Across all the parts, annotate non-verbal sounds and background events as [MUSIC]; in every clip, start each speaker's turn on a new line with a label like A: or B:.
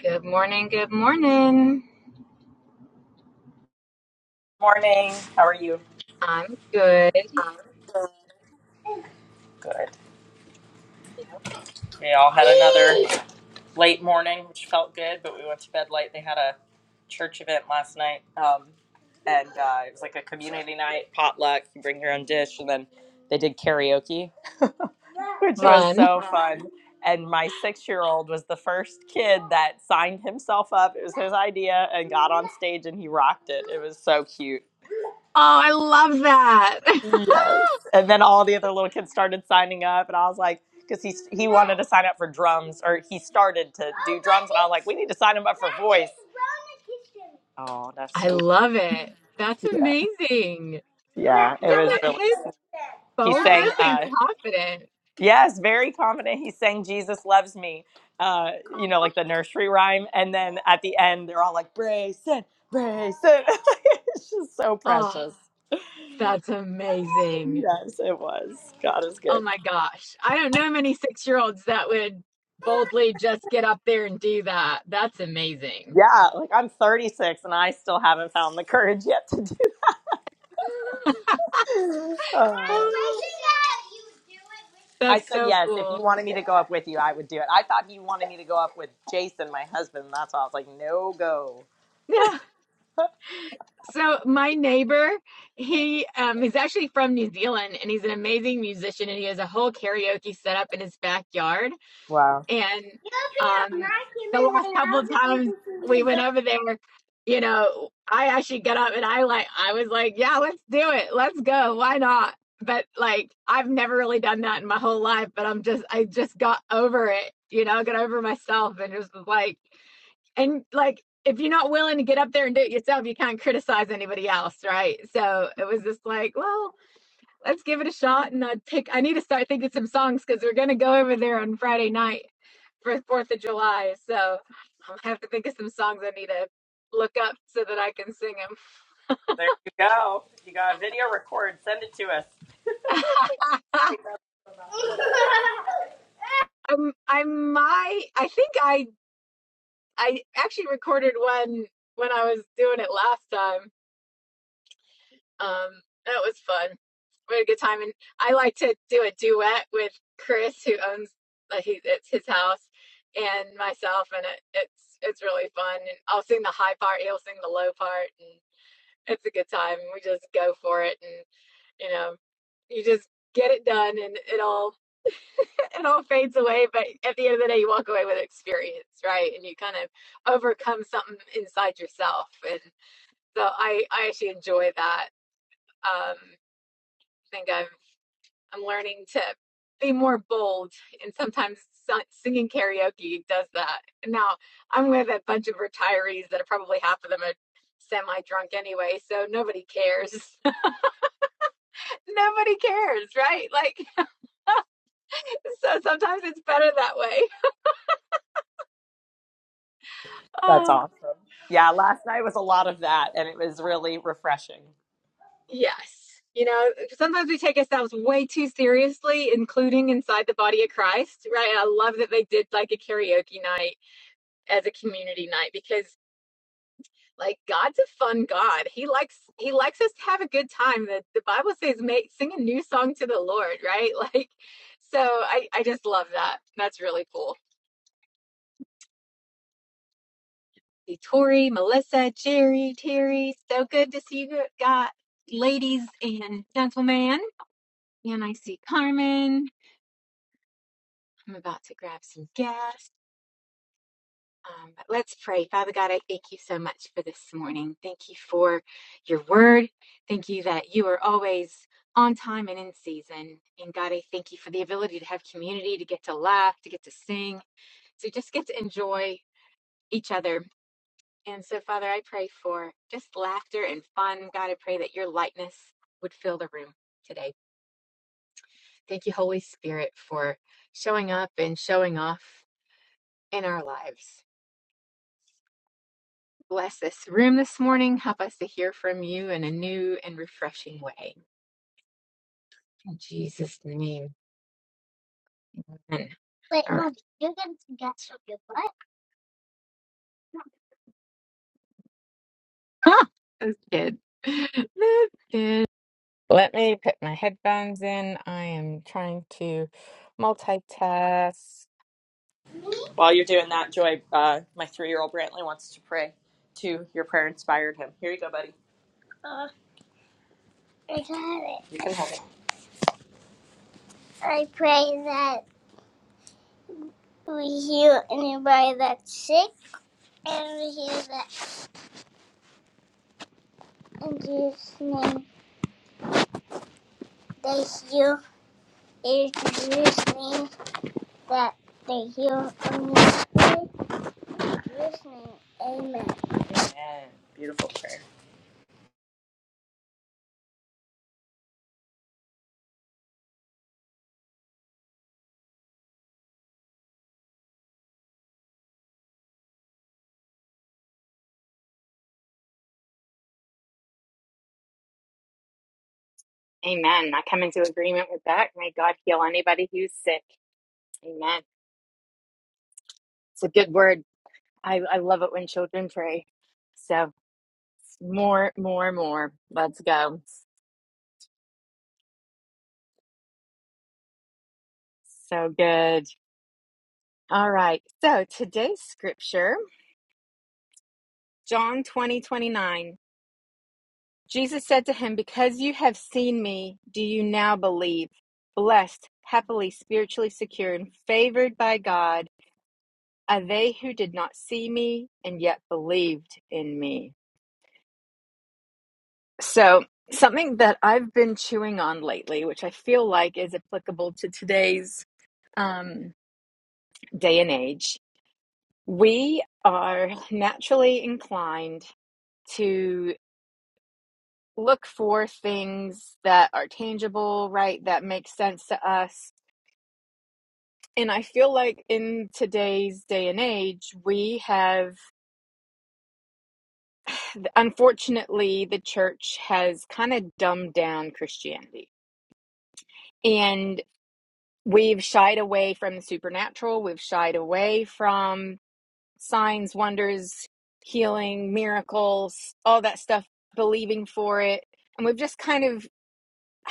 A: Good morning. Good morning.
B: Morning. How are you?
A: I'm good.
B: Good. We all had another late morning, which felt good, but we went to bed late. They had a church event last night, um, and uh, it was like a community night potluck. You bring your own dish, and then they did karaoke, [LAUGHS] which was
A: Run. Oh,
B: so fun. And my six-year-old was the first kid that signed himself up. It was his idea, and got on stage, and he rocked it. It was so cute.
A: I love that. [LAUGHS]
B: Yes. And then all the other little kids started signing up, and I was like, because he he wanted to sign up for drums, or he started to do drums, and I was like, we need to sign him up for voice. Oh, that's
A: I
B: sweet.
A: love it. That's
B: Yeah,
A: amazing.
B: yeah. It
A: Look
B: was
A: at
B: really.
A: his
B: He sang.
A: boldness and
B: Uh,
A: confidence.
B: yes, very confident. He sang "Jesus Loves Me." Uh, you know,
A: Oh,
B: like the nursery rhyme, and then at the end, they're all like, "Brayson, Brayson." [LAUGHS] it's just so
A: oh,
B: precious.
A: that's amazing.
B: Yes, it was. God is
A: Oh
B: good.
A: my gosh. I don't know many six year olds that would boldly just get up there and do that. That's amazing.
B: Yeah, like I'm 36 and I still haven't found the courage yet to do. it. [LAUGHS] Oh.
A: Oh,
B: I
A: that's
B: said
A: so
B: yes. If
A: cool.
B: you wanted me to go up with you, I would do it. I thought he wanted me to go up with Jason, my husband. and That's why I was like, no go.
A: [LAUGHS] Yeah. So my neighbor, he um is actually from New Zealand and he's an amazing musician and he has a whole karaoke set up in his backyard.
B: Wow.
A: And um the last couple of times we went over there, you know, I actually got up and I like I was like, Yeah, let's do it. Let's go. Why not? But like I've never really done that in my whole life, but I'm just I just got over it, you know, got over myself and just was like and like if you're not willing to get up there and do it yourself you can't criticize anybody else right so it was just like well let's give it a shot and i take i need to start thinking some songs because we're going to go over there on friday night for fourth of july so i'm gonna have to think of some songs i need to look up so that i can sing them
B: There you go. You got a video record. Send it to us.
A: [LAUGHS]
B: [LAUGHS]
A: i'm i might i think i i actually recorded one when i was doing it last time Um, that was fun. We had a good time, and I like to do a duet with Chris, who owns like he, it's his house, and myself, and it, it's it's really fun. And I'll sing the high part, he'll sing the low part, and it's a good time. And we just go for it, and you know, you just get it done, and it all it all fades away. But at the end of the day, you walk away with experience, right? And you kind of overcome something inside yourself, and so I I actually enjoy that. Um, I think I've I'm learning to be more bold, and sometimes so- singing karaoke does that. Now, I'm with a bunch of retirees that are probably half of them are semi drunk anyway, so nobody cares. [LAUGHS] nobody cares, right? Like, [LAUGHS] so sometimes it's better that way.
B: That's
A: Oh,
B: awesome. Yeah, last night was a lot of that, and it was really refreshing.
A: yes. You know, sometimes we take ourselves way too seriously, including inside the body of Christ, right? And I love that they did like a karaoke night as a community night because. Like God's a fun God. He likes he likes us to have a good time. The the Bible says make sing a new song to the Lord, [LAUGHS] right? Like so I, I just love that. That's really cool. Hey, Tori, Melissa, Jerry, Terry, so good to see you got ladies and gentlemen. And I see Carmen. I'm about to grab some gas. Um, but let's pray. Father God, I thank you so much for this morning. Thank you for your word. Thank you that you are always on time and in season. And God, I thank you for the ability to have community, to get to laugh, to get to sing, to just get to enjoy each other. And so, Father, I pray for just laughter and fun. God, I pray that your lightness would fill the room today. Thank you, Holy Spirit, for showing up and showing off in our lives. Bless this room this morning. Help us to hear from you in a new and refreshing way. In Jesus' name. Amen. [LAUGHS] Huh, those kids. [LAUGHS] Those kids. Let me put my headphones in. I am trying to multitask.
B: While you're doing that, Joy, uh, my three year old Brantley wants to pray to your prayer inspired him. Here you go, buddy. Uh, I got it. You can have it. I pray that we heal anybody that's sick and we heal that in Jesus' name they heal. In Jesus' name that they heal. In Jesus' name, amen. Amen. Beautiful prayer.
A: Amen. I come into agreement with that. May God heal anybody who's sick. Amen. It's a good word. I, I love it when children pray. So more, more, more. Let's go. So good. All right. So today's scripture, John 20 29. Jesus said to him, Because you have seen me, do you now believe? Blessed, happily, spiritually secure, and favored by God are they who did not see me and yet believed in me. So, something that I've been chewing on lately, which I feel like is applicable to today's um, day and age, we are naturally inclined. To look for things that are tangible, right? That make sense to us. And I feel like in today's day and age, we have, unfortunately, the church has kind of dumbed down Christianity. And we've shied away from the supernatural, we've shied away from signs, wonders, healing, miracles, all that stuff, believing for it. And we've just kind of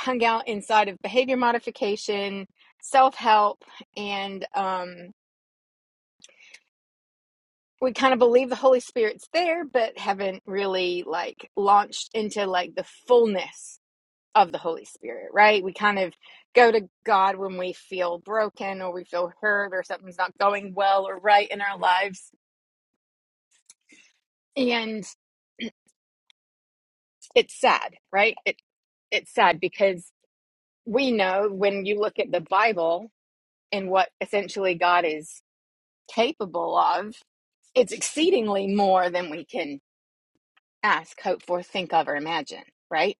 A: hung out inside of behavior modification, self help, and um, we kind of believe the Holy Spirit's there, but haven't really like launched into like the fullness of the Holy Spirit, right? We kind of go to God when we feel broken or we feel hurt or something's not going well or right in our lives. And it's sad, right? It, it's sad because we know when you look at the Bible and what essentially God is capable of, it's exceedingly more than we can ask, hope for, think of, or imagine, right?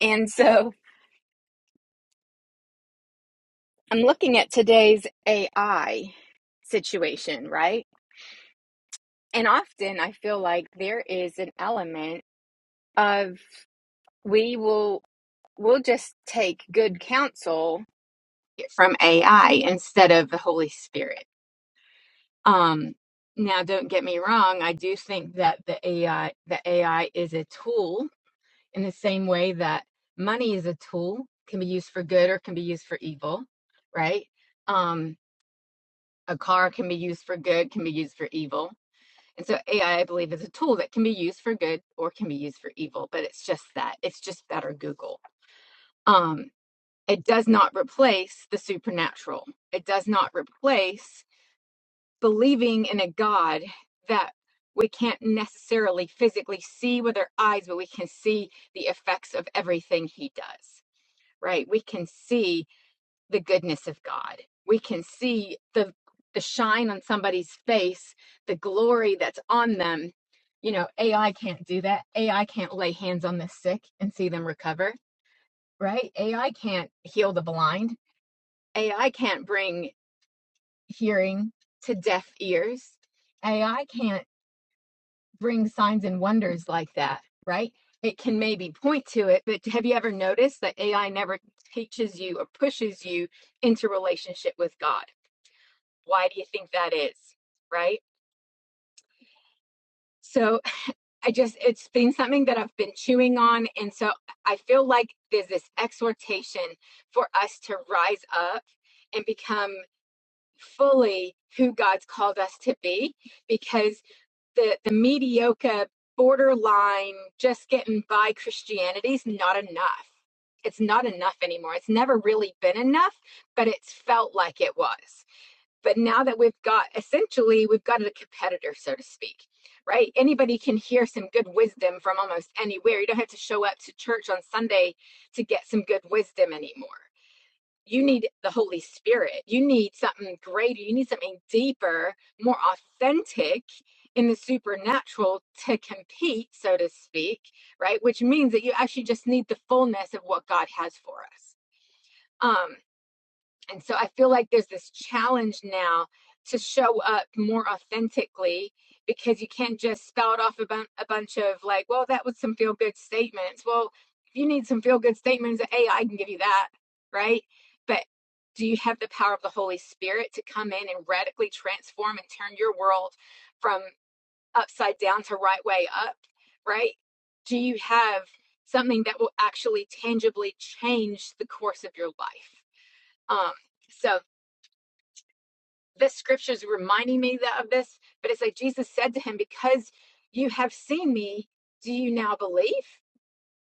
A: And so I'm looking at today's AI situation, right? And often I feel like there is an element of we will we'll just take good counsel from AI instead of the Holy Spirit. Um now don't get me wrong, I do think that the AI the AI is a tool in the same way that money is a tool can be used for good or can be used for evil right um a car can be used for good can be used for evil and so ai i I believe is a tool that can be used for good or can be used for evil but it's just that it's just better google um it does not replace the supernatural it does not replace believing in a god that we can't necessarily physically see with our eyes but we can see the effects of everything he does right? We can see the goodness of God. We can see the the shine on somebody's face, the glory that's on them. You know, AI can't do that. AI can't lay hands on the sick and see them recover, right? AI can't heal the blind. AI can't bring hearing to deaf ears. AI can't bring signs and wonders like that, right? It can maybe point to it, but have you ever noticed that AI never teaches you or pushes you into relationship with God? Why do you think that is? Right? So [LAUGHS] I just, it's been something that I've been chewing on. And so I feel like there's this exhortation for us to rise up and become fully who God's called us to be because the the mediocre borderline just getting by christianity is not enough it's not enough anymore it's never really been enough but it's felt like it was but now that we've got essentially we've got a competitor so to speak right anybody can hear some good wisdom from almost anywhere you don't have to show up to church on sunday to get some good wisdom anymore you need the Holy Spirit. You need something greater. You need something deeper, more authentic in the supernatural to compete, so to speak, right? Which means that you actually just need the fullness of what God has for us. Um, and so I feel like there's this challenge now to show up more authentically because you can't just spout off a, bun- a bunch of like, well, that was some feel good statements. Well, if you need some feel good statements, hey, I can give you that, right? But do you have the power of the Holy Spirit to come in and radically transform and turn your world from upside down to right way up, right? Do you have something that will actually tangibly change the course of your life? Um, so this scripture is reminding me of this, but it's like Jesus said to him, Because you have seen me, do you now believe?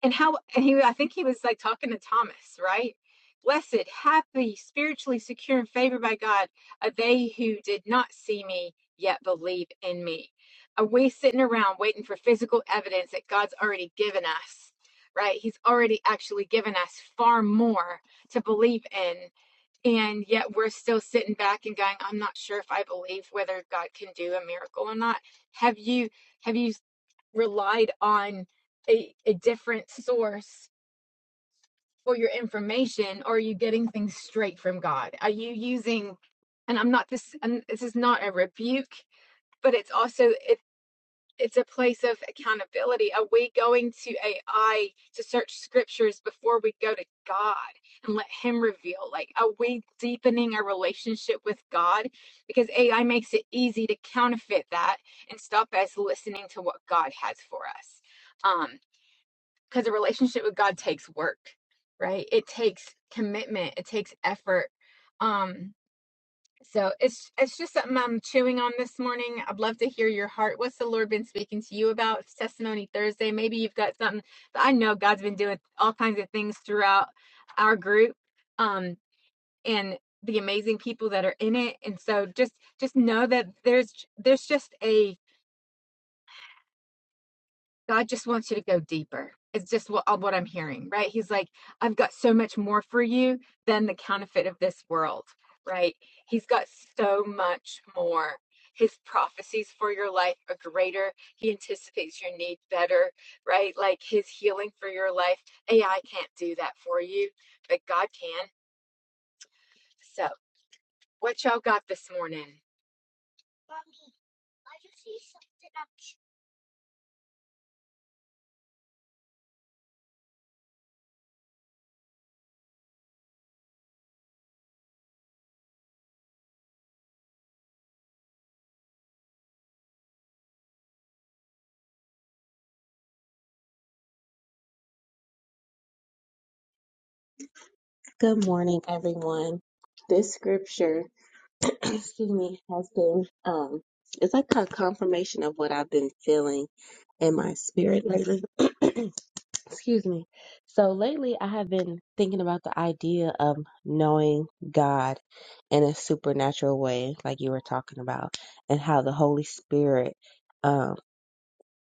A: And how and he I think he was like talking to Thomas, right? Blessed, happy, spiritually secure and favored by God are they who did not see me yet believe in me. Are we sitting around waiting for physical evidence that God's already given us? Right? He's already actually given us far more to believe in and yet we're still sitting back and going, I'm not sure if I believe whether God can do a miracle or not. Have you have you relied on a, a different source for your information, or are you getting things straight from God? Are you using and I'm not this and this is not a rebuke, but it's also it, it's a place of accountability. Are we going to AI to search scriptures before we go to God and let Him reveal? Like, are we deepening our relationship with God? Because AI makes it easy to counterfeit that and stop us listening to what God has for us. Um, because a relationship with God takes work, right? It takes commitment, it takes effort. Um, so it's it's just something I'm chewing on this morning. I'd love to hear your heart. What's the Lord been speaking to you about? It's Testimony Thursday. Maybe you've got something. I know God's been doing all kinds of things throughout our group, um, and the amazing people that are in it. And so just just know that there's there's just a God just wants you to go deeper. It's just what uh, what I'm hearing, right? He's like, I've got so much more for you than the counterfeit of this world, right? He's got so much more. His prophecies for your life are greater. He anticipates your need better, right? Like his healing for your life. AI can't do that for you, but God can. So, what y'all got this morning?
C: Good morning, everyone. This scripture, [CLEARS THROAT] excuse me, has been um it's like a confirmation of what I've been feeling in my spirit lately. [CLEARS THROAT] excuse me. So lately I have been thinking about the idea of knowing God in a supernatural way, like you were talking about, and how the Holy Spirit um,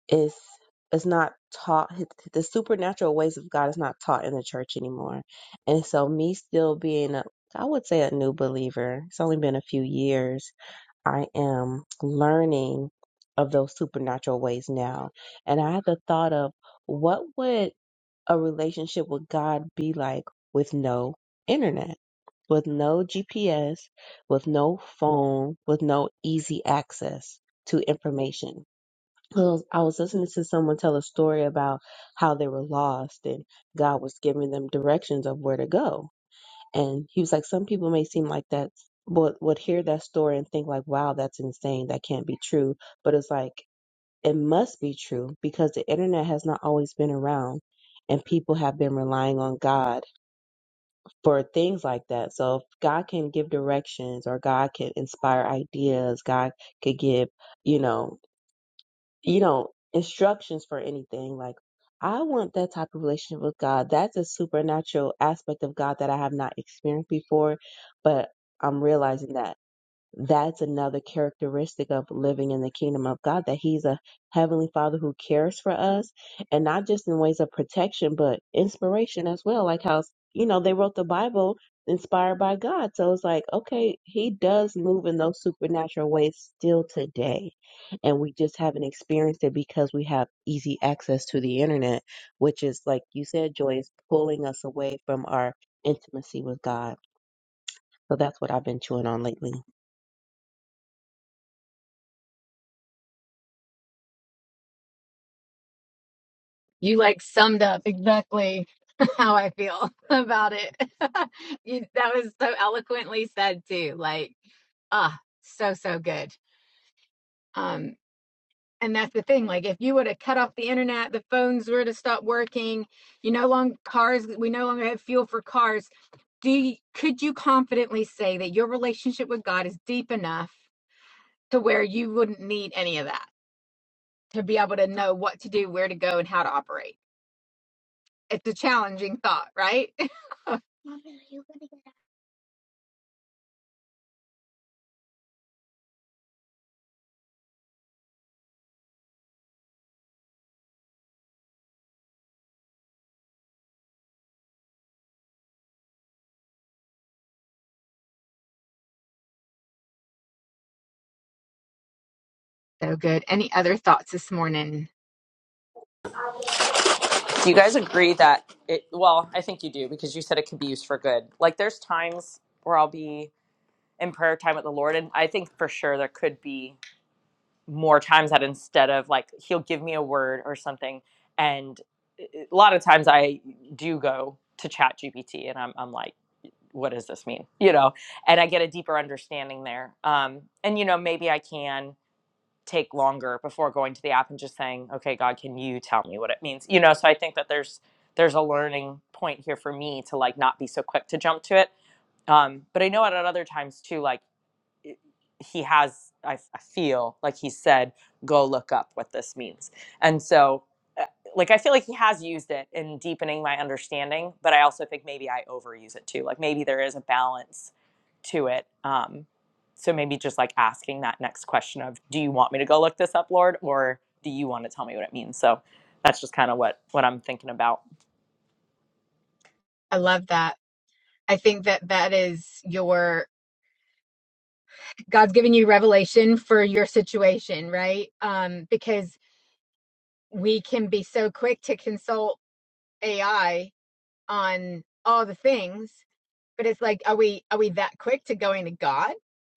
C: is is not taught the supernatural ways of god is not taught in the church anymore and so me still being a i would say a new believer it's only been a few years i am learning of those supernatural ways now and i had the thought of what would a relationship with god be like with no internet with no gps with no phone with no easy access to information well, I was listening to someone tell a story about how they were lost and God was giving them directions of where to go. And he was like, some people may seem like that, would, would hear that story and think like, wow, that's insane. That can't be true. But it's like, it must be true because the internet has not always been around and people have been relying on God for things like that. So if God can give directions or God can inspire ideas, God could give, you know, you know, instructions for anything. Like, I want that type of relationship with God. That's a supernatural aspect of God that I have not experienced before, but I'm realizing that that's another characteristic of living in the kingdom of God that He's a heavenly Father who cares for us, and not just in ways of protection, but inspiration as well. Like how you know they wrote the Bible inspired by God, so it's like okay, He does move in those supernatural ways still today, and we just haven't experienced it because we have easy access to the internet, which is like you said, Joy is pulling us away from our intimacy with God. So that's what I've been chewing on lately.
A: You like summed up exactly [LAUGHS] how I feel [LAUGHS] about it. [LAUGHS] You, that was so eloquently said too. Like, ah, so, so good. Um, and that's the thing. Like, if you were to cut off the internet, the phones were to stop working, you no longer cars, we no longer have fuel for cars. Do you, could you confidently say that your relationship with God is deep enough to where you wouldn't need any of that to be able to know what to do, where to go, and how to operate? It's a challenging thought, right? [LAUGHS] So good. Any other thoughts this morning?
B: Do you guys agree that it, well, I think you do because you said it could be used for good. Like there's times where I'll be in prayer time with the Lord. And I think for sure there could be more times that instead of like he'll give me a word or something, and eh, a lot of times I do go to Chat GPT and I'm I'm like, what does this mean? You know, and I get a deeper understanding there. Um, and you know, maybe I can take longer before going to the app and just saying, okay, God, can you tell me what it means? You know, so I think that there's there's a learning point here for me to like not be so quick to jump to it. Um, but I know at other times too, like he has I I feel like he said go look up what this means and so uh, like i feel like he has used it in deepening my understanding but i also think maybe i overuse it too like maybe there is a balance to it um so maybe just like asking that next question of do you want me to go look this up lord or do you want to tell me what it means so that's just kind of what what i'm thinking about
A: I love that. I think that that is your God's giving you revelation for your situation, right? Um, because we can be so quick to consult AI on all the things But it's like, are we are we that quick to going to God?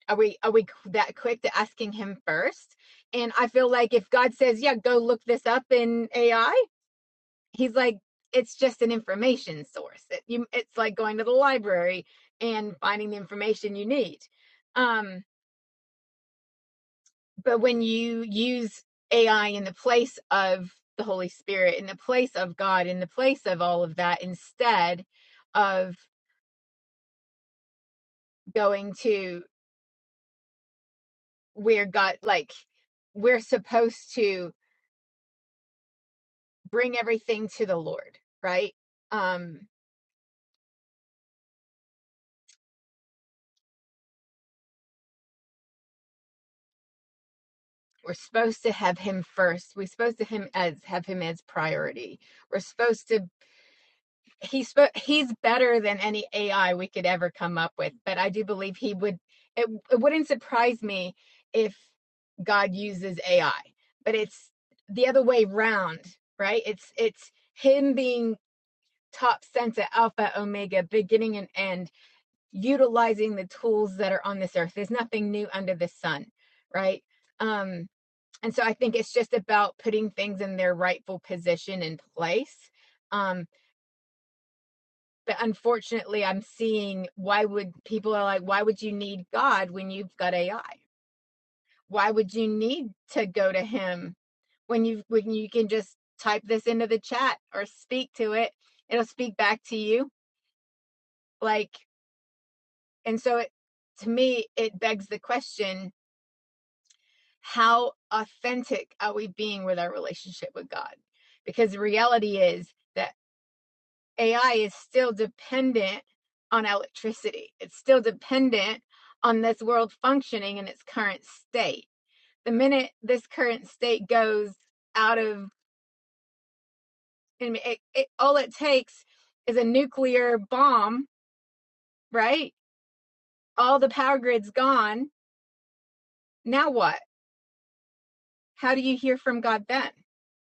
A: Are we are we that quick to asking Him first? And I feel like if God says, "Yeah, go look this up in AI," He's like, it's just an information source. It, you, it's like going to the library and finding the information you need. Um, but when you use AI in the place of the Holy Spirit, in the place of God, in the place of all of that, instead of going to where God, like we're supposed to bring everything to the Lord, right? Um, we're supposed to have him first. We're supposed to him as have him as priority. We're supposed to he's he's better than any AI we could ever come up with. But I do believe he would. It, it wouldn't surprise me if God uses AI, but it's the other way round, right? It's it's him being top center, alpha, omega, beginning and end utilizing the tools that are on this earth. There's nothing new under the sun, right? Um, and so I think it's just about putting things in their rightful position and place. Um, but unfortunately, I'm seeing why would people are like, why would you need God when you've got AI? Why would you need to go to Him when you when you can just type this into the chat or speak to it? It'll speak back to you. Like, and so it to me, it begs the question how authentic are we being with our relationship with God? Because the reality is that AI is still dependent on electricity, it's still dependent on this world functioning in its current state. The minute this current state goes out of, it, it, all it takes is a nuclear bomb, right? All the power grid's gone. Now what? how do you hear from god then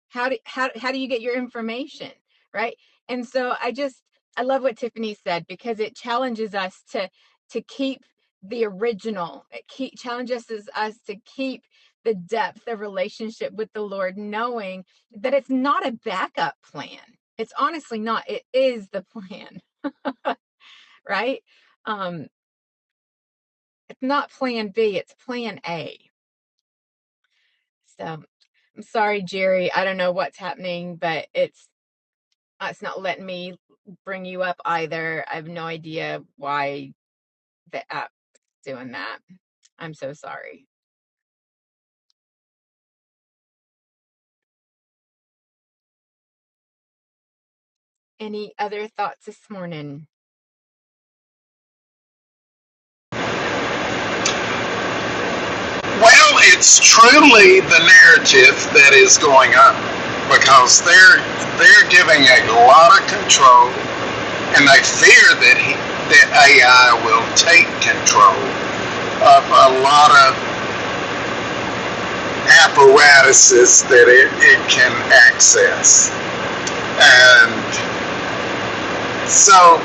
A: how do how, how do you get your information right and so i just i love what tiffany said because it challenges us to to keep the original it keep, challenges us to keep the depth of relationship with the lord knowing that it's not a backup plan it's honestly not it is the [LAUGHS] plan right um it's not plan b it's plan a so i'm sorry jerry i don't know what's happening but it's Uh, It's not letting me bring you up either. I have no idea why the app's doing that. I'm so sorry. Any other thoughts this morning?
D: Well, it's truly the narrative that is going up because they're they're giving a lot of control, and they fear that he, that AI will take control of a lot of apparatuses that it, it can access, and so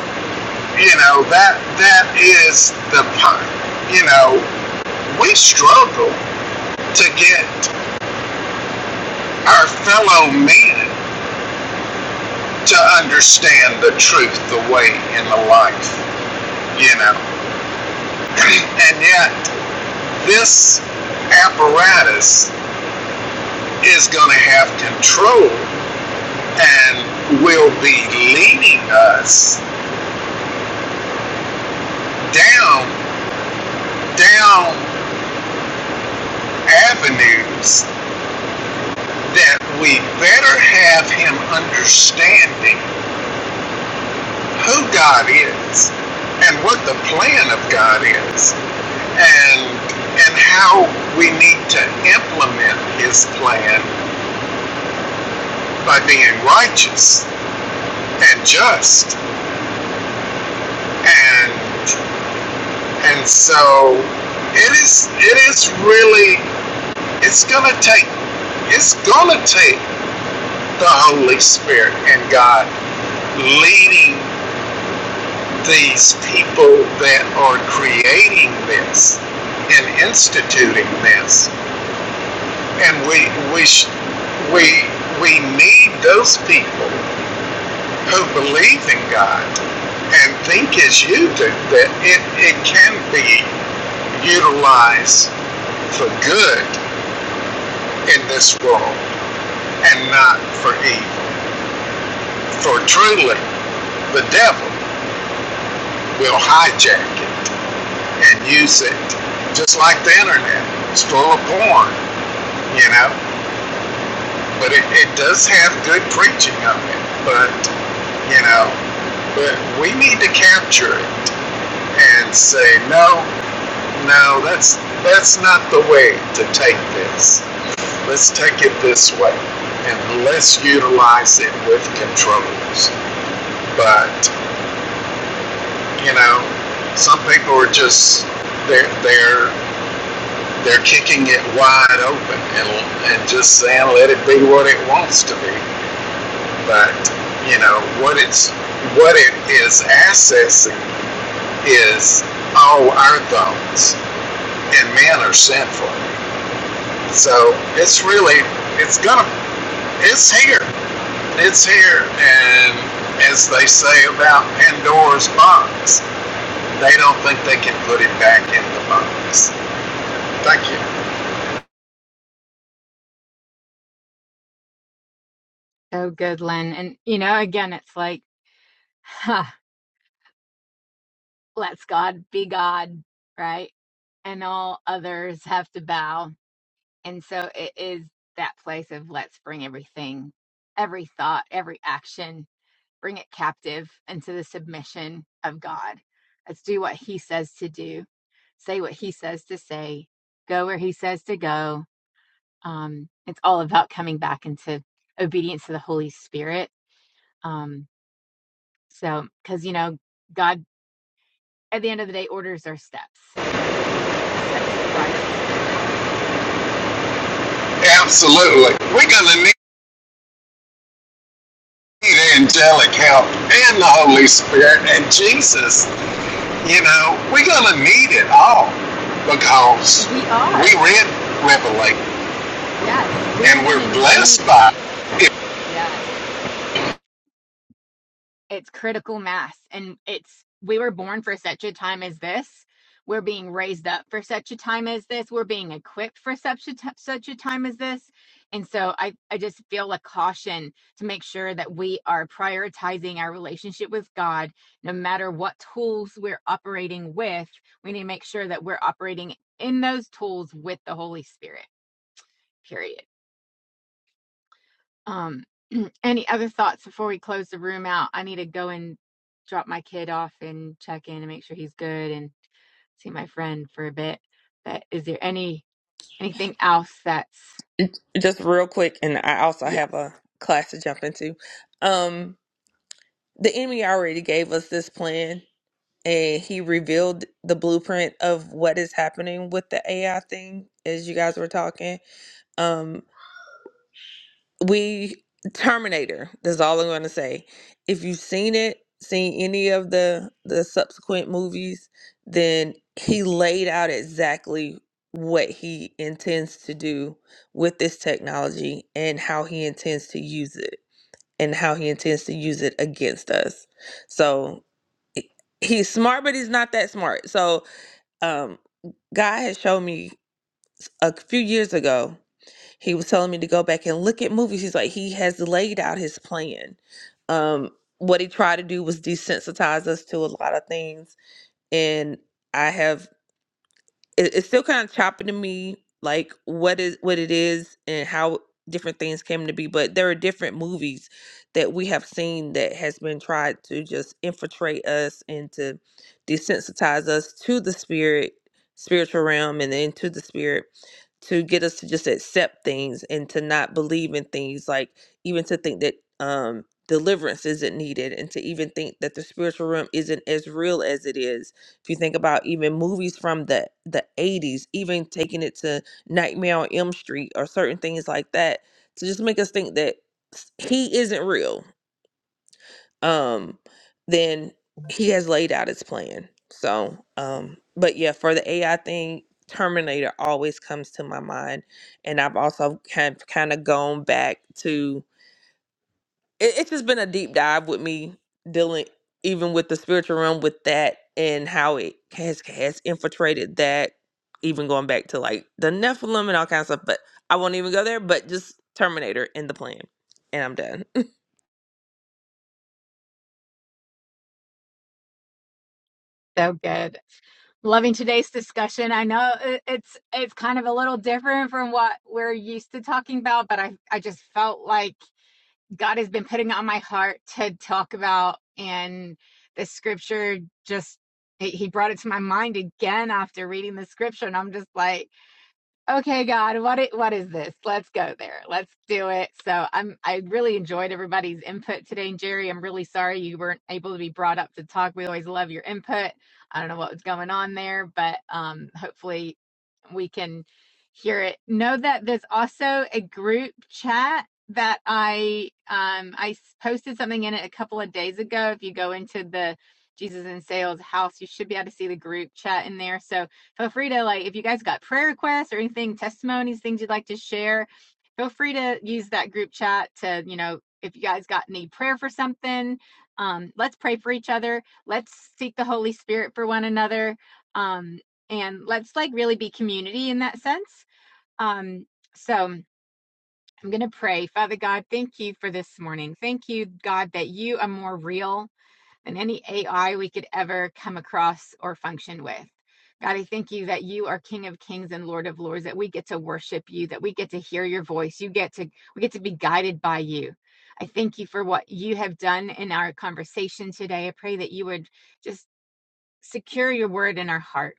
D: you know that that is the pu- you know we struggle to get our fellow men to understand the truth, the way, and the life, you know. [CLEARS THROAT] and yet, this apparatus is going to have control and will be leading us down, down avenues that we better have him understanding who God is and what the plan of God is and and how we need to implement his plan by being righteous and just and and so it is it is really it's gonna take it's gonna take the Holy Spirit and God leading these people that are creating this and instituting this, and we we we we need those people who believe in God and think as you do that it, it can be utilized for good in this world and not for evil. For truly, the devil will hijack it. and use it, just like the internet. It's full of porn, you know. But it, it does have good preaching of it. But you know, but we need to capture it and say no, no, that's that's not the way to take this. Let's take it this way, and let's utilize it with controls. But you know, some people are just they're they're They're kicking it wide open and, and just saying, let it be what it wants to be. But, you know, what it's, what it is accessing is all our thoughts and men are sinful. So it's really, it's gonna, it's here. It's here. And as they say about Pandora's box, they don't think they can put it back in the box. Thank you.
A: So good, Lynn. And, you know, again, it's like, ha, let's God be God, right? And all others have to bow. And so it is that place of let's bring everything, every thought, every action bring it captive into the submission of God. Let's do what He says to do, say what He says to say, go where He says to go. Um, it's all about coming back into obedience to the Holy Spirit. Um, so, because, you know, God at the end of the day orders our steps, right? The, the steps of the righteous are ordered.
D: Absolutely. We're gonna need need angelic help and the Holy Spirit and Jesus. You know, we're going to need it all because
A: We
D: we
A: are.
D: read Revelation
A: Yes. We are
D: and
A: going
D: we're
A: to
D: blessed
A: need
D: by
A: it.
D: it.
A: Yes. It's critical mass. And it's, we were born for such a time as this. We're being raised up for such a time as this. We're being equipped for such a, t- such a time as this. And so I, I just feel a caution to make sure that we are prioritizing our relationship with God, no matter what tools we're operating with. We need to make sure that we're operating in those tools with the Holy Spirit, period. Um, [CLEARS THROAT] any other thoughts before we close the room out? I need to go and drop my kid off and check in and make sure he's good and see my friend for a bit. But is there any anything else that's
E: just real quick, and I also
A: yes?
E: have a class to jump into. Um, the enemy already gave us this plan, and he revealed the blueprint of what is happening with the AI thing as you guys were talking. Um, we Terminator. That's all I'm gonna say. If you've seen it, seen any of the the subsequent movies, then he laid out exactly what he intends to do with this technology and how he intends to use it and how he intends to use it against us. So he- he's smart, but he's not that smart. So um, God has shown me a few years ago he was telling me to go back and look at movies. He's like, he has laid out his plan. Um, what he tried to do was desensitize us to a lot of things. And I have it, it's still kind of choppy to me like what is what it is and how different things came to be but there are different movies that we have seen that has been tried to just infiltrate us and to desensitize us to the spirit spiritual realm and then to the spirit to get us to just accept things and to not believe in things like even to think that um deliverance isn't needed and to even think that the spiritual realm isn't as real as it is if you think about even movies from the the 80s, even taking it to Nightmare on Elm Street or certain things like that to just make us think that s- he isn't real, um, then he has laid out his plan. So, um, but yeah, for the AI thing, Terminator always comes to my mind, and I've also kind kind of gone back to it, it's just been a deep dive with me dealing even with the spiritual realm with that and how it has has infiltrated that even going back to like the nephilim and all kinds of stuff but i won't even go there but just terminator in the plan and i'm done
A: So good. Loving today's discussion. I know it- it's it's kind of a little different from what we're used to talking about, but I I just felt like God has been putting on my heart to talk about and the scripture just he brought it to my mind again after reading the scripture and I'm just like Okay, God, what it, what is this? Let's go there. Let's do it. So I'm I really enjoyed everybody's input today. And Jerry, I'm really sorry you weren't able to be brought up to talk. We always love your input. I don't know what was going on there, but um hopefully we can hear it. Know that there's also a group chat that I um I s- posted something in it a couple of days ago. If you go into the Jesus in Sales house, you should be able to see the group chat in there. So feel free to like if you guys got prayer requests or anything testimonies things you'd like to share feel free to use that group chat to you know if you guys got need prayer for something um, let's pray for each other let's seek the holy spirit for one another um, and let's like really be community in that sense um, so i'm going to pray father god thank you for this morning thank you god that you are more real than any AI we could ever come across or function with. God, I thank you that you are King of Kings and Lord of Lords, that we get to worship you, that we get to hear your voice. You get to we get to be guided by you. I thank you for what you have done in our conversation today. I pray that you would just secure your word in our heart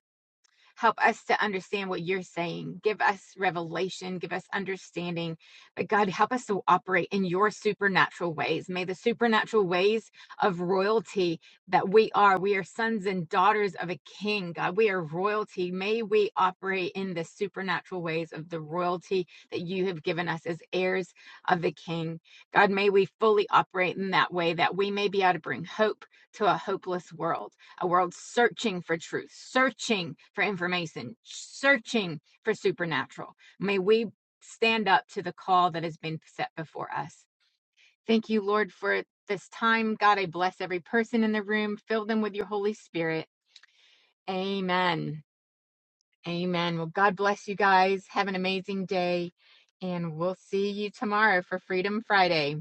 A: Help us to understand what you're saying. Give us revelation. Give us understanding. But God, help us to operate in your supernatural ways. May the supernatural ways of royalty that we are, we are sons and daughters of a king, God. We are royalty. May we operate in the supernatural ways of the royalty that you have given us as heirs of the king. God, may we fully operate in that way that we may be able to bring hope to a hopeless world a world searching for truth, searching for information, searching for supernatural. May we stand up to the call that has been set before us. Thank you, Lord, for this time. God, I bless every person in the room. Fill them with your Holy Spirit. Amen. Amen. Well, God bless you guys. Have an amazing day. And we'll see you tomorrow for Freedom Friday.